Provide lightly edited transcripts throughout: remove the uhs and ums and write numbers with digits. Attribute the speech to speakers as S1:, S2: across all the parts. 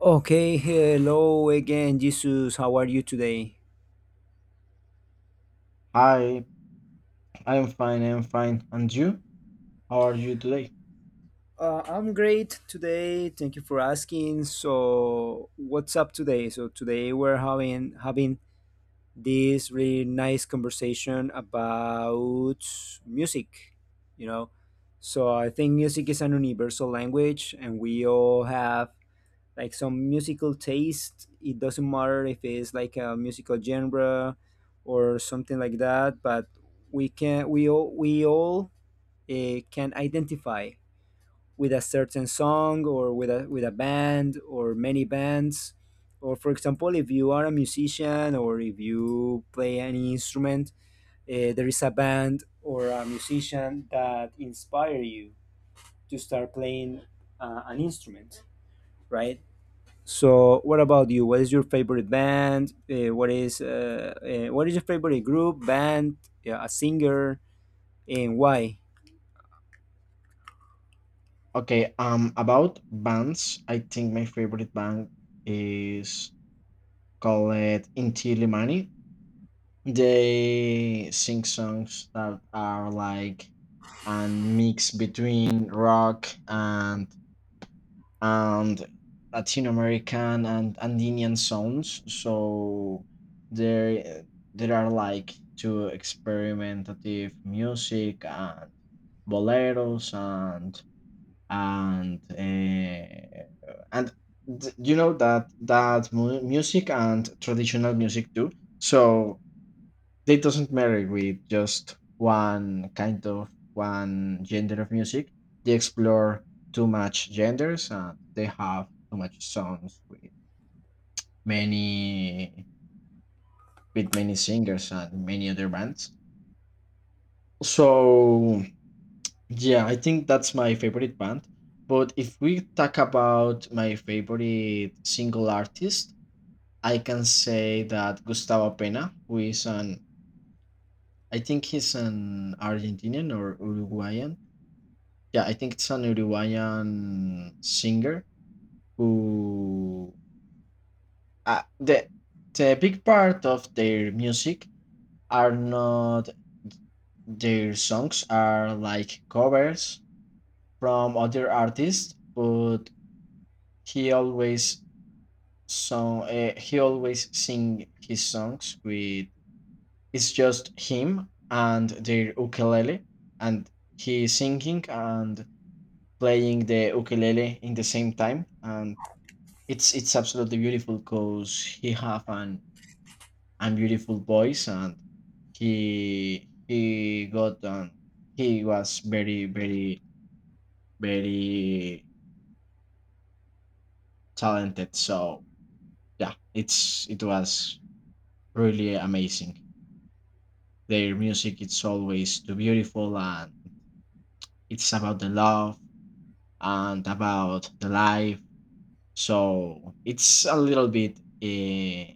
S1: Okay, hello again, Jesus. How are you today?
S2: Hi, I'm fine, I'm fine. And you? How are you today?
S1: I'm great today. Thank you for asking. So, what's up today? So today we're having this really nice conversation about music. You know, so I think music is an universal language, and we all have like some musical taste. It doesn't matter if it's like a musical genre or something like that, but we all can identify with a certain song or with a band or many bands. Or for example, if you are a musician or if you play any instrument, there is a band or a musician that inspire you to start playing an instrument, right? So, what about you? What is your favorite band? What is your favorite group, band, yeah, a singer, and why?
S2: Okay, about bands, I think my favorite band is called Inti Limani. They sing songs that are like a mix between rock and Latin American and Andean sounds. So there there are like two experimentative music and boleros and you know that music and traditional music too. So they doesn't marry with just one kind of one gender of music. They explore too much genders and they have too much songs many with many singers and many other bands. So yeah, I think that's my favorite band. But if we talk about my favorite single artist, I can say that Gustavo Pena, who is an... I think he's an Argentinian or Uruguayan. Yeah, I think it's an Uruguayan singer who uh, the the big part of their music are not, their songs are like covers from other artists, but he always he always sing his songs with, it's just him and their ukulele, and he singing and playing the ukulele in the same time. And it's absolutely beautiful because he have an beautiful voice, and he got he was very talented. So yeah, it was really amazing. Their music it's always too beautiful and it's about the love and about the life. So it's a little bit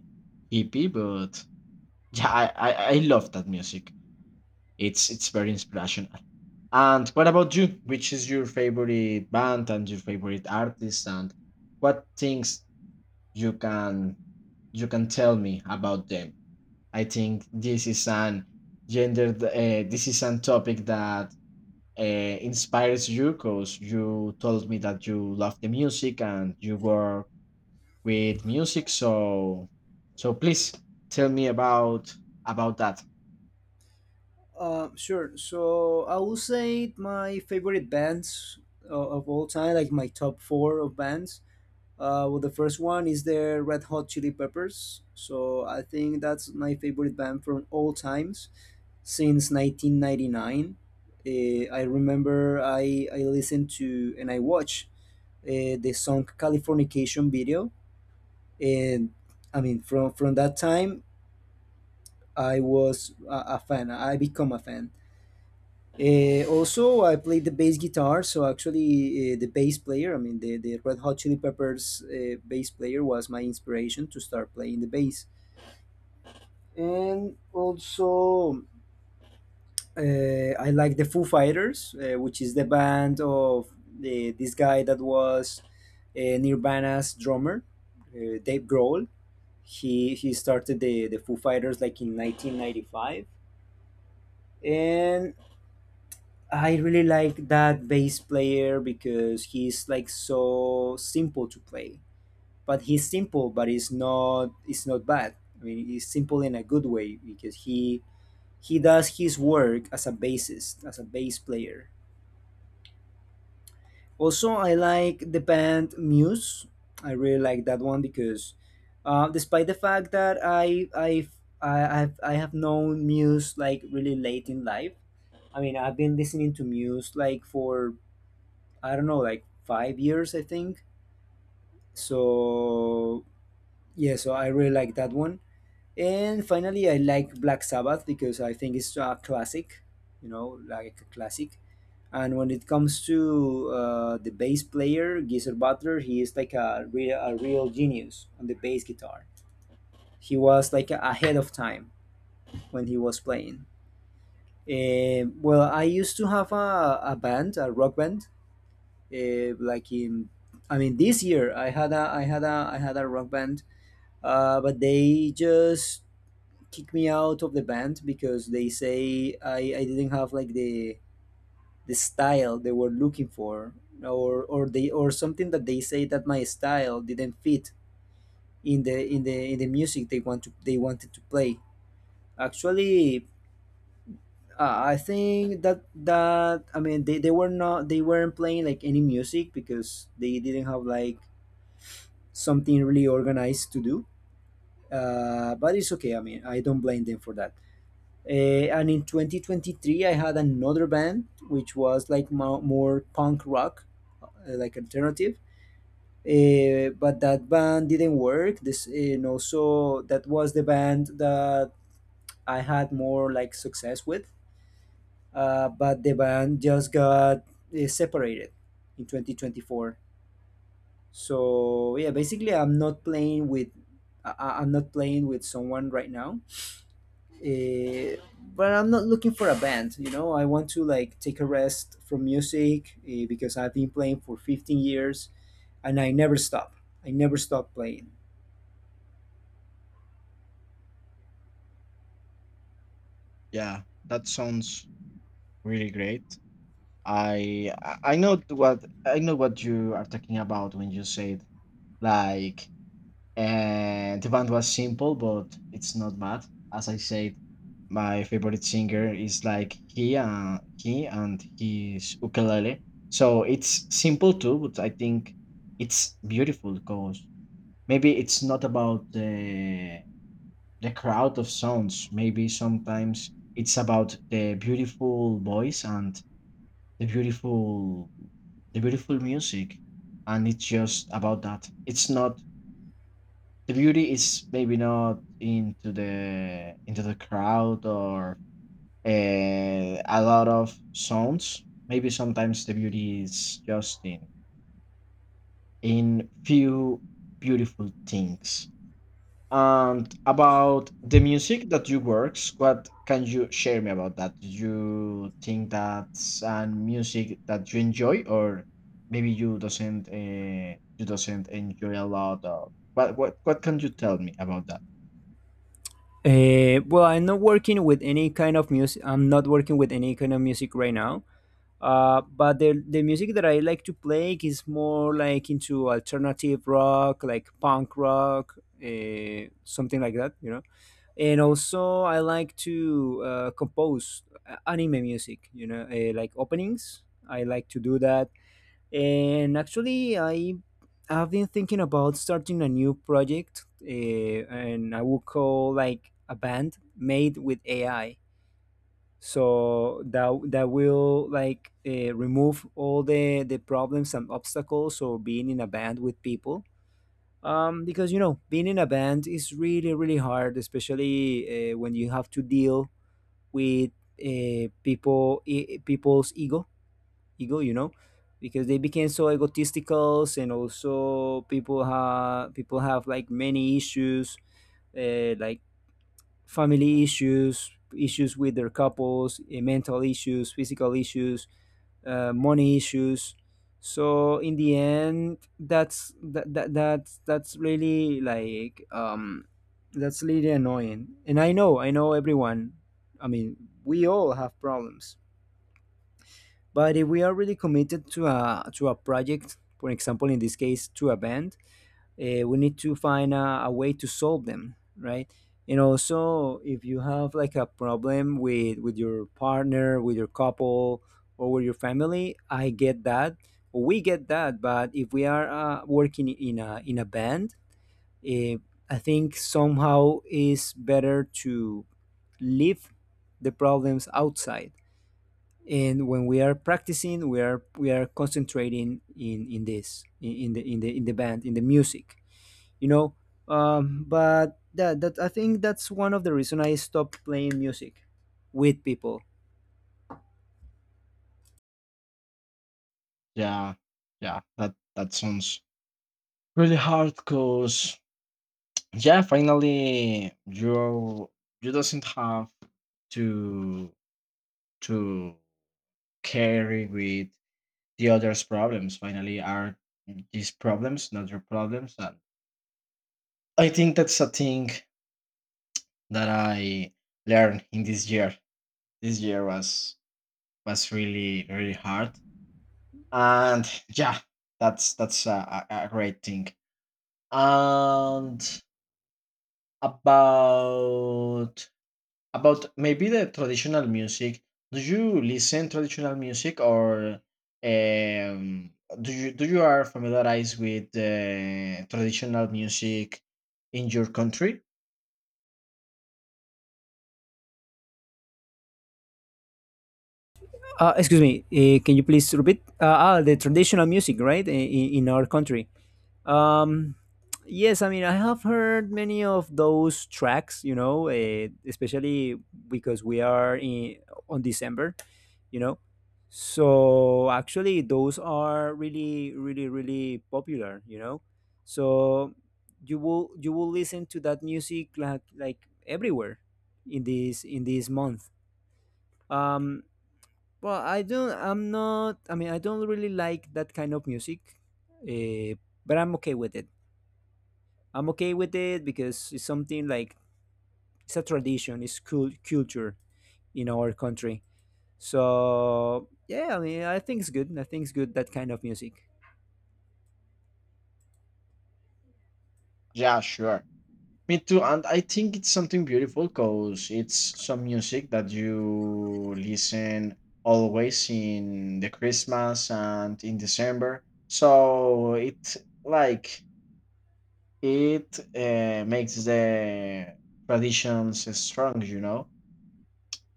S2: hippie, but yeah, I love that music. It's very inspirational. And what about you? Which is your favorite band and your favorite artist and what things you can you can tell me about them? I think this is an gender, this is an topic that inspires you because you told me that you love the music and you work with music, so so please tell me about that.
S1: Sure. So, I will say my favorite bands of all time, like my top four of bands. Well, the first one is the Red Hot Chili Peppers. So, I think that's my favorite band from all times since 1999. I remember I listened to and I watched the song Californication video. And I mean, from that time, I was a fan. I become a fan. Also, I played the bass guitar. So actually, the bass player, I mean, the Red Hot Chili Peppers bass player was my inspiration to start playing the bass. And also, I like the Foo Fighters, which is the band of this guy that was Nirvana's drummer, Dave Grohl. He started the Foo Fighters like in 1995. And I really like that bass player because he's like so simple to play, but he's simple but it's not bad. I mean he's simple in a good way because he does his work as a bassist as a bass player. Also, I like the band Muse. I really like that one because, despite the fact that I have known Muse like really late in life. I mean, I've been listening to Muse like for, I don't know, like 5 years, I think. So yeah, so I really like that one. And finally, I like Black Sabbath because I think it's a classic. You know, like a classic. And when it comes to the bass player, Geezer Butler, he is like a real genius on the bass guitar. He was like ahead of time when he was playing. Well, I used to have a band, a rock band. eh, like in, I mean, this year I had I had a rock band. But they just kicked me out of the band because they say I didn't have like the style they were looking for, or something that they say that my style didn't fit in the music they wanted to play actually. I think that that I mean they weren't playing like any music because they didn't have like something really organized to do. But it's okay, I mean I don't blame them for that. And in 2023 I had another band which was like more punk rock, uh, like alternative, but that band didn't work this, and also that was the band that I had more like success with. But the band just got separated in 2024. So yeah, basically I'm not playing with I'm not playing with someone right now. uh, but I'm not looking for a band. You know, I want to like take a rest from music because I've been playing for 15 years and I never stop, I never stop playing.
S2: Yeah, that sounds really great. I know what I know what you are talking about when you said, like, the band was simple, but it's not bad. As I said, my favorite singer is like he and his ukulele. So it's simple too, but I think it's beautiful because maybe it's not about the crowd of sounds. Maybe sometimes it's about the beautiful voice and the beautiful the beautiful music, and it's just about that. It's not, the beauty is maybe not into the into the crowd or a lot of sounds. Maybe sometimes the beauty is just in few beautiful things. And about the music that you works, what can you share me about that? Do you think that's an music that you enjoy, or maybe you doesn't enjoy a lot of? What what can you tell me about that?
S1: Well, I'm not working with any kind of music. I'm not working with any kind of music right now. But the music that I like to play is more like into alternative rock, like punk rock, something like that, you know. And also, I like to compose anime music, you know, like openings. I like to do that. And actually, I have been thinking about starting a new project, and I would call like a band made with AI. So that will like remove all the problems and obstacles of being in a band with people. Because you know, being in a band is really really hard, especially when you have to deal with people's ego, you know, because they became so egotistical, and also people have like many issues, like family issues, issues with their couples, mental issues, physical issues, money issues. So in the end, that's really like that's really annoying. And I know everyone. I mean, we all have problems, but if we are really committed to a project, for example, in this case, to a band, we need to find a way to solve them, right? And also, if you have like a problem with your partner, with your couple, or with your family, I get that. We get that. But if we are working in a band, uh, I think somehow is better to leave the problems outside, and when we are practicing we are concentrating in this in the in the in the band in the music, you know. But that that I think that's one of the reason I stopped playing music with people.
S2: Yeah, yeah, that that sounds really hard because yeah, finally you, you doesn't have to to carry with the other's problems. Finally are these problems, not your problems. And I think that's a thing that I learned in this year. This year was really hard, and yeah, that's a great thing. And about About maybe the traditional music, do you listen traditional music or um, do you, do you are familiarized with the traditional music in your country?
S1: Excuse me, can you please repeat? The traditional music, right? In our country. um yes, I mean, I have heard many of those tracks, you know, especially because we are on December, you know. So actually those are really really really popular, you know. So you will, you will listen to that music like everywhere in this month. um well, I don't, I mean I don't really like that kind of music, uh, but I'm okay with it. I'm okay with it because it's something like it's a tradition, it's cool culture in our country. So yeah, I mean, I think it's good. I think it's good that kind of music.
S2: Yeah, sure. Me too, and I think it's something beautiful because it's some music that you listen always in the Christmas and in December. So it, like, it makes the traditions strong, you know.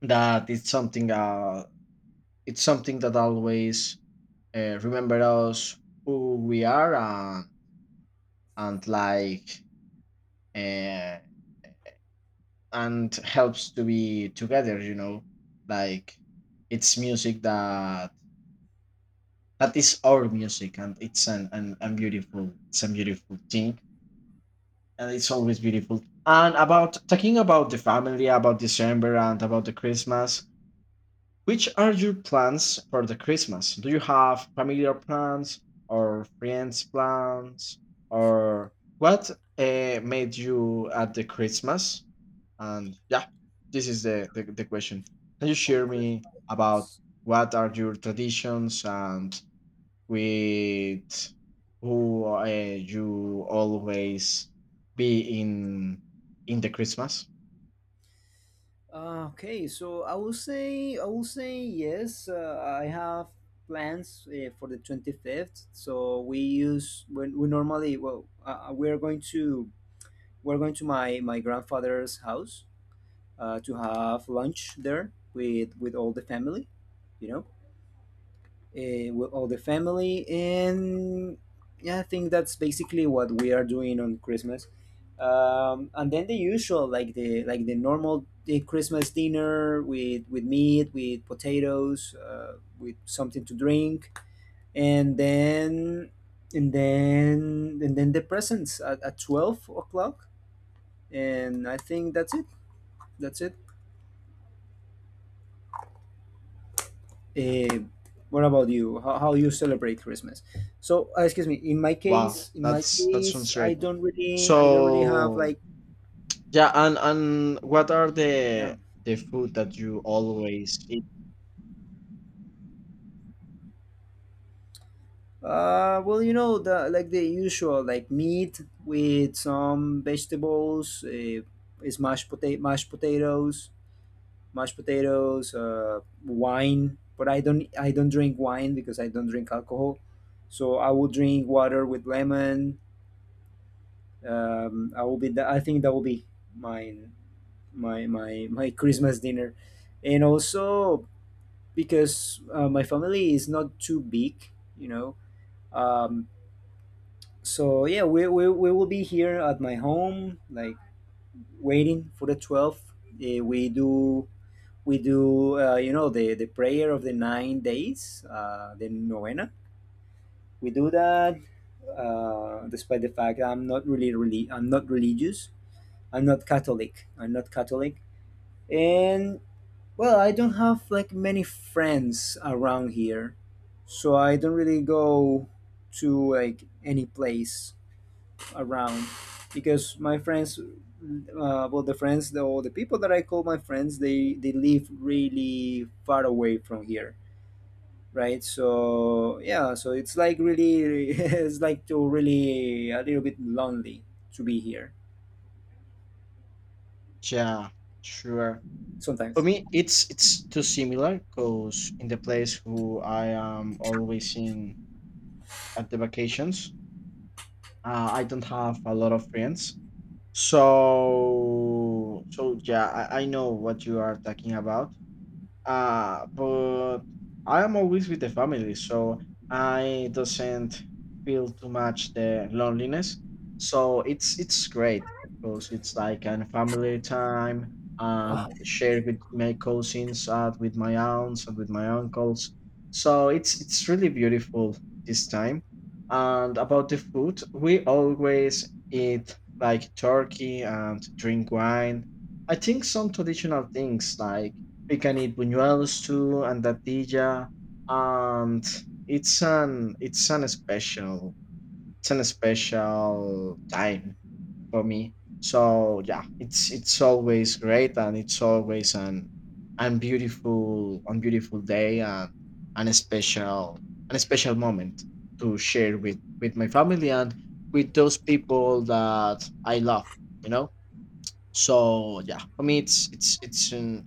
S2: That it's something. It's something that always remember us who we are and like uh, and helps to be together, you know. Like it's music that that is our music, and it's an beautiful, it's a beautiful thing, and it's always beautiful. And about talking about the family, about December and about the Christmas, which are your plans for the Christmas? Do you have familiar plans or friends plans or what made you at the Christmas? And yeah, this is the question. Can you
S1: On
S2: share me
S1: Christmas.
S2: about what are your traditions and with who you always be in the Christmas?
S1: Okay, so I will say, yes. I have plans for the 25th. So we use when we normally, we're going to my my grandfather's house to have lunch there with all the family, you know. With all the family. And yeah, I think that's basically what we are doing on Christmas. And then the usual, like the normal, the Christmas dinner, with meat, with potatoes, with something to drink. And then the presents at 12 o'clock. And I think that's it. That's it. Uh, what about you? How you celebrate Christmas? So, excuse me. In my
S2: Wow,
S1: case,
S2: that's, that sounds great.
S1: I don't really have
S2: So
S1: like,
S2: yeah, and what are
S1: yeah.
S2: the food that you always eat?
S1: Well, you know, the like the usual, like meat with some vegetables, is mashed potatoes, wine. But I don't drink wine because I don't drink alcohol. So I will drink water with lemon. I will be. I think that will be mine, my Christmas dinner. And also because my family is not too big, you know. Um, so yeah, we will be here at my home, like waiting for the 12th. We do, you know, the prayer of the 9 days, the novena. We do that despite the fact I'm not religious. I'm not Catholic. I'm not Catholic. And well, I don't have like many friends around here, so I don't really go to like any place around because my friends, well, the friends, the, or the people that I call my friends, they live really far away from here, right? So yeah, so it's like really, it's like to really a little bit lonely to be here
S2: Yeah, sure. For
S1: sometimes.
S2: me, it's too similar because in the place who I am always in at the vacations, I don't have a lot of friends. So so yeah, I know what you are talking about. But I'm always with the family, so I doesn't feel too much the loneliness. So it's great because it's like a family time and share with my cousins and with my aunts and with my uncles. So it's really beautiful this time. And about the food, we always eat like turkey and drink wine. I think some traditional things like we can eat buñuelos too and natilla, and it's an, it's an special, it's an special time for me. So yeah, it's always great, and it's always an and beautiful day and a special and a special moment to share with my family and with those people that I love, you know. So yeah, for me it's an,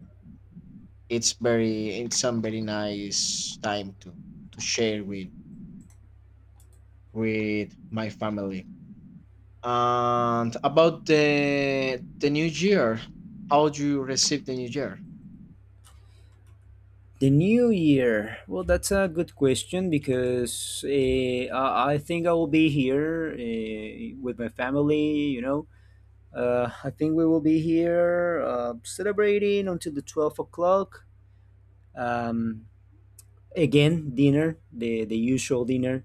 S2: it's very, it's some very nice time to share with my family. And about the new year, how do you receive the new year?
S1: The new year. Well, that's a good question because I think I will be here with my family. You know, I think we will be here celebrating until the 12 o'clock. Um, Again, dinner, the usual dinner.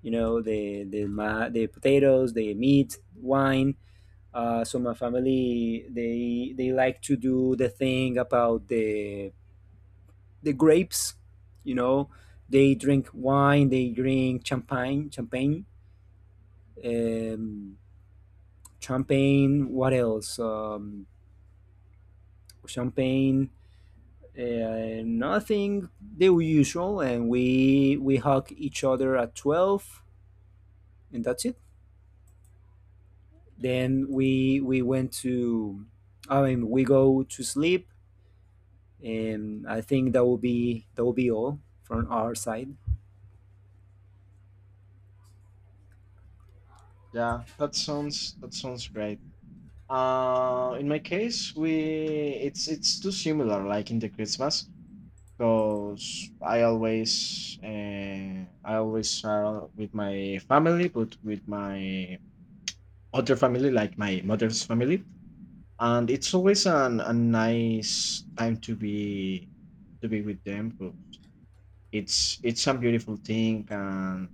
S1: You know, the potatoes, the meat, wine. So my family they like to do the thing about the grapes, you know, they drink wine, they drink champagne, um, champagne. What else? Champagne. Nothing the usual, and we hug each other at 12, and that's it. Then we go to sleep, and I think that will be all from our side.
S2: Yeah, that sounds great. In my case, we, it's too similar like in the Christmas, because I always I always are with my family but with my other family, like my mother's family, and it's always an a nice time to be with them 'cause it's a beautiful thing. And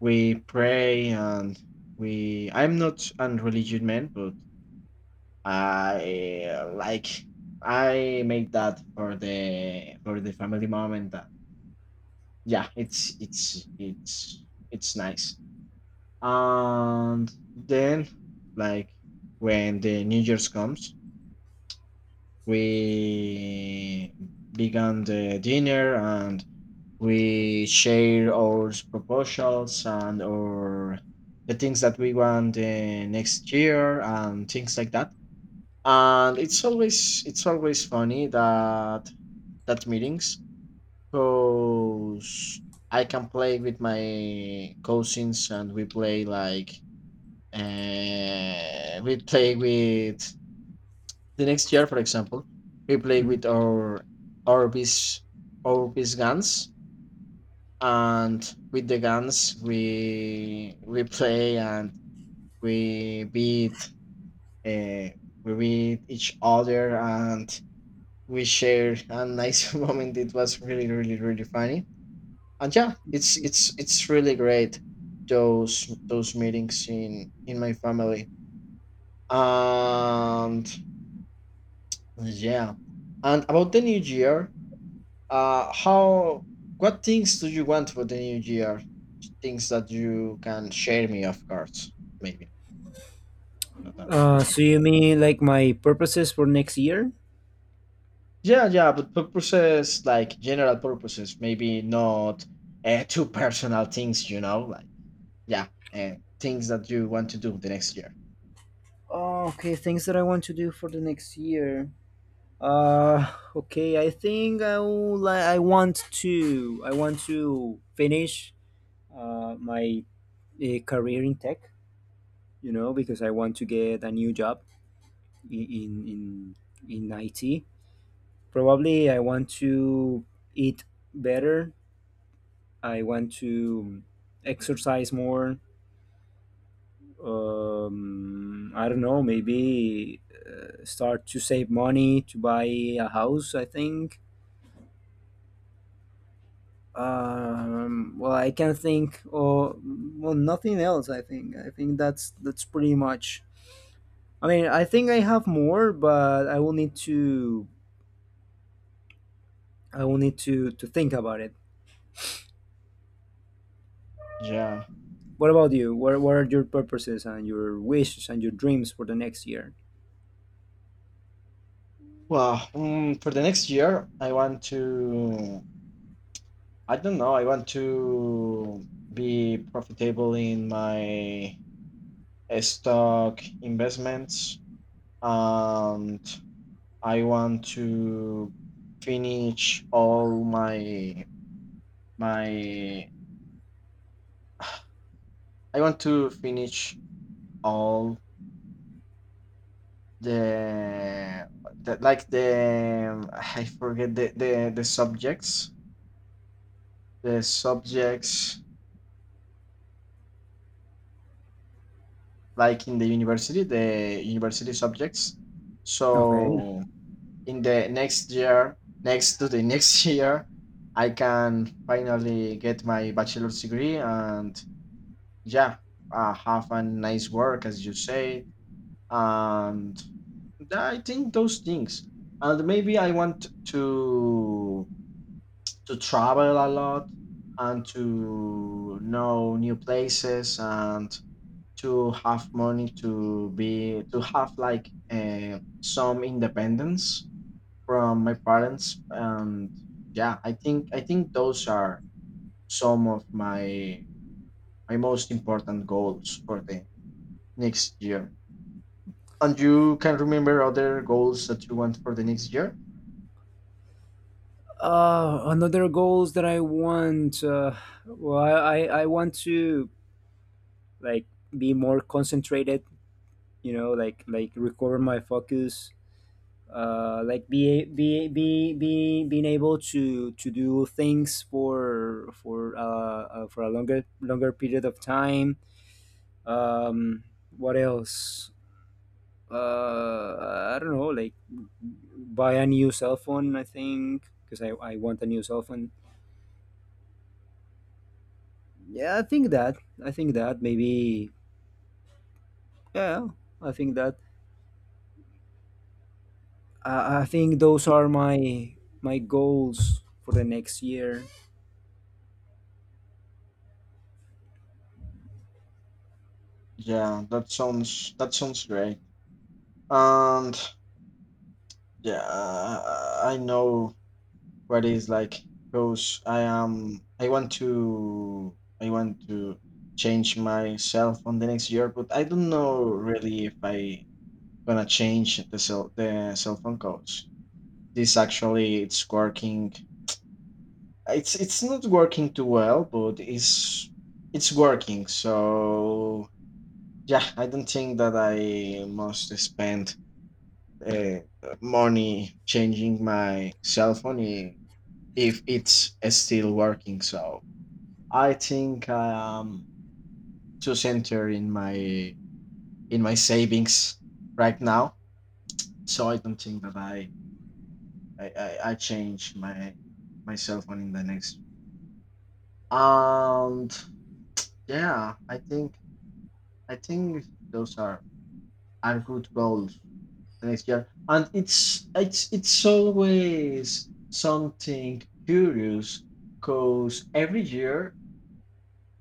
S2: we pray, and we, I'm not an religious man, but I like I make that for the family moment that, yeah, it's nice. And then, like, when the new year's comes, we began the dinner and we share our proposals and our the things that we want the next year and things like that. And it's always funny that that meetings, because I can play with my cousins and we play like we play with the next year, for example. We play with
S1: Mhm.
S2: our piece our piece guns, and with the guns we play and we beat uh, we beat each other, and we shared a nice moment. It was really funny, and yeah, it's really great those meetings in my family. And yeah, and about the new year, uh, how? What things do you want for the new year? Things that you can share me, of course. Maybe not on person.
S1: So you mean like my purposes for next year?
S2: Yeah, yeah, but purposes like general purposes, maybe not too personal things. You know, like, yeah, things that you want to do the next year.
S1: Oh, okay, things that I want to do for the next year. Okay, I think I want to finish my career in tech. You know, because I want to get a new job i- in in in IT. Probably I want to eat better. I want to exercise more. I don't know. Maybe start to save money to buy a house. I think. Well, I can think, or well, nothing else. I think. I think that's pretty much. I mean, I think I have more, but I will need to. I will need to think about it.
S2: Yeah.
S1: What about you? What are your purposes and your wishes and your dreams for the next year?
S2: Well, for the next year, I want to. I don't know. I want to be profitable in my stock investments, and I want to finish all my my I want to finish all the, the, like the I forget the subjects, the subjects, like in the university, the university subjects.
S1: Okay.
S2: So in the next year, next to the next year, I can finally get my bachelor's degree and yeah, have a nice work, as you say, and I think those things. And maybe I want to travel a lot and to know new places, and to have money to be to have like some independence from my parents. And yeah, I think those are some of my my most important goals for the next year. And you can remember other goals that you want for the next year?
S1: Another goals that I want. Well, I want to, like, be more concentrated. You know, like recover my focus, like be being able to do things for a longer period of time. Um, what else? I don't know. Like buy a new cell phone. I think because I want a new cell phone. Yeah, I think that. I think that maybe. Yeah, I think that. I think those are my my goals for the next year.
S2: Yeah, that sounds great. And yeah, I know what is like, because I am I want to change myself on the next year, but I don't know really if I gonna change the cell phone codes. This actually it's working. It's not working too well, but it's working. So yeah, I don't think that I must spend uh, money changing my cell phone if it's still working. So I think I am too centered in my savings right now. So I don't think that I I change my my cell phone in the next. And yeah, I think those are good goals. Next year. And it's always something curious because every year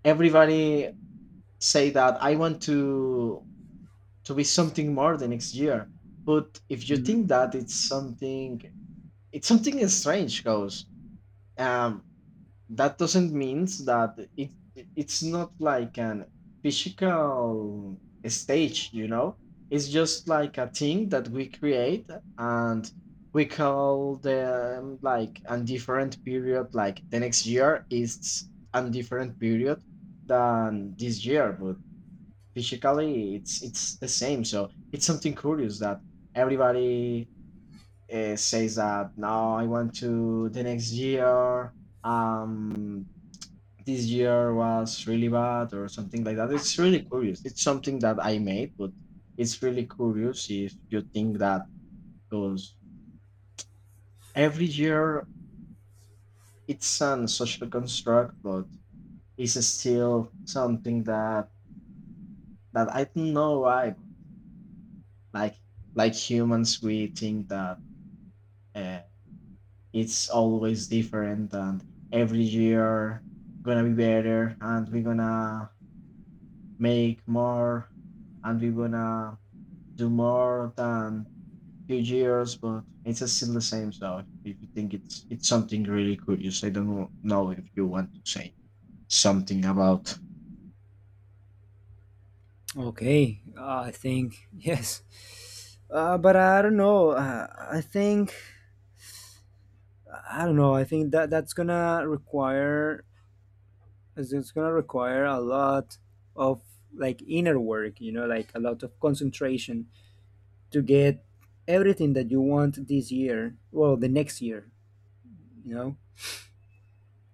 S2: everybody say that I want to be something more the next year. But if you think that, it's something, it's something strange because um. that doesn't mean that it, it's not like an physical stage, you know, it's just like a thing that we create, and we call them like a different period. Like the next year is a different period than this year, but physically it's the same. So it's something curious that everybody says that now I want to the next year, um this year was really bad or something like that. It's really curious. It's something that I made, but it's really curious if you think that, because every year it's an social construct, but it's still something that, that I don't know why. Like like humans, we think that uh, it's always different, and every year gonna be better, and we're gonna make more, and we're gonna do more than few years, but it's still the same. So if you think, it's something really curious. I don't know if you want to say something about.
S1: Okay, I think yes, but I don't know. I think I don't know. I think that that's gonna require, it's gonna require a lot of like inner work. You know, like a lot of concentration to get everything that you want this year. Well, the next year. You know,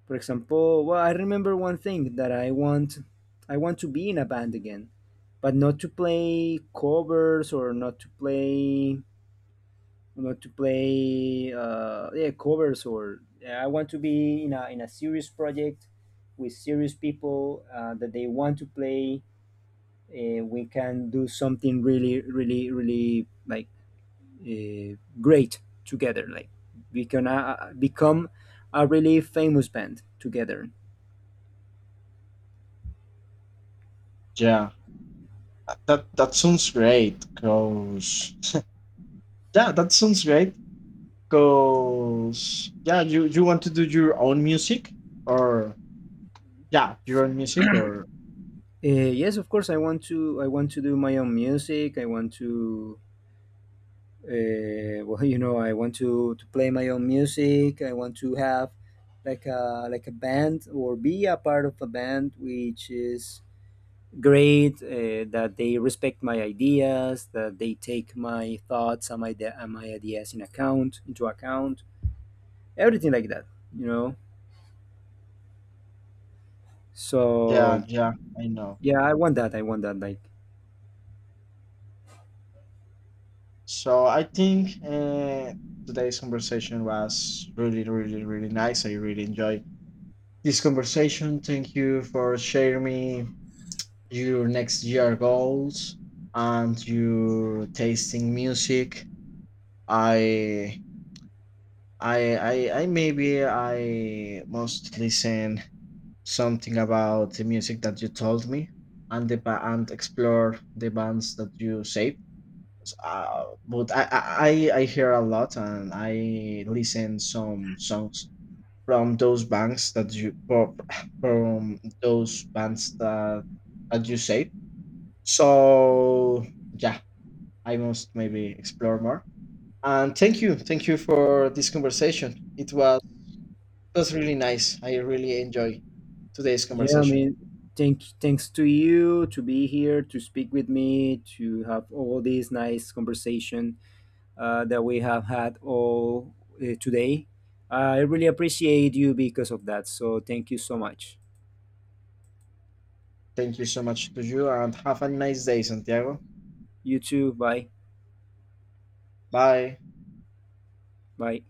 S1: for example, well, I remember one thing that I want. I want to be in a band again, but not to play covers or not to play I want to play I want to be in a serious project with serious people, that they want to play. We can do something really, really, really, like, great together. Like we can, become a really famous band together.
S2: Yeah, that that sounds great. Cause yeah, that sounds great. Cause yeah, you want to do your own music or yeah, your own music or
S1: Yes, of course. I want to. I want to do my own music. I want to, well, you know, I want to play my own music. I want to have like a, like a band or be a part of a band which is great, that they respect my ideas, that they take my thoughts and my ideas in account, everything like that, you know,
S2: yeah,
S1: so
S2: yeah, I know.
S1: yeah, I want that, I want that.
S2: So I think today's conversation was really nice. I really enjoyed this conversation. Thank you for sharing me your next year goals and your tasting music. I I maybe I must listen something about the music that you told me and the and explore the bands that you saved. But I hear a lot and I listen some songs from those banks that you for, from those banks that that you say. So yeah, I must maybe explore more. And thank you for this conversation. It was really nice. I really enjoy today's
S1: Yeah, I
S2: conversation.
S1: mean, thanks to you to be here, to speak with me, to have all this nice conversation that we have had all today. I really appreciate you because of that. So thank you so much.
S2: Thank you so much to you, and have a nice day, Santiago.
S1: You too. Bye.
S2: Bye.
S1: Bye.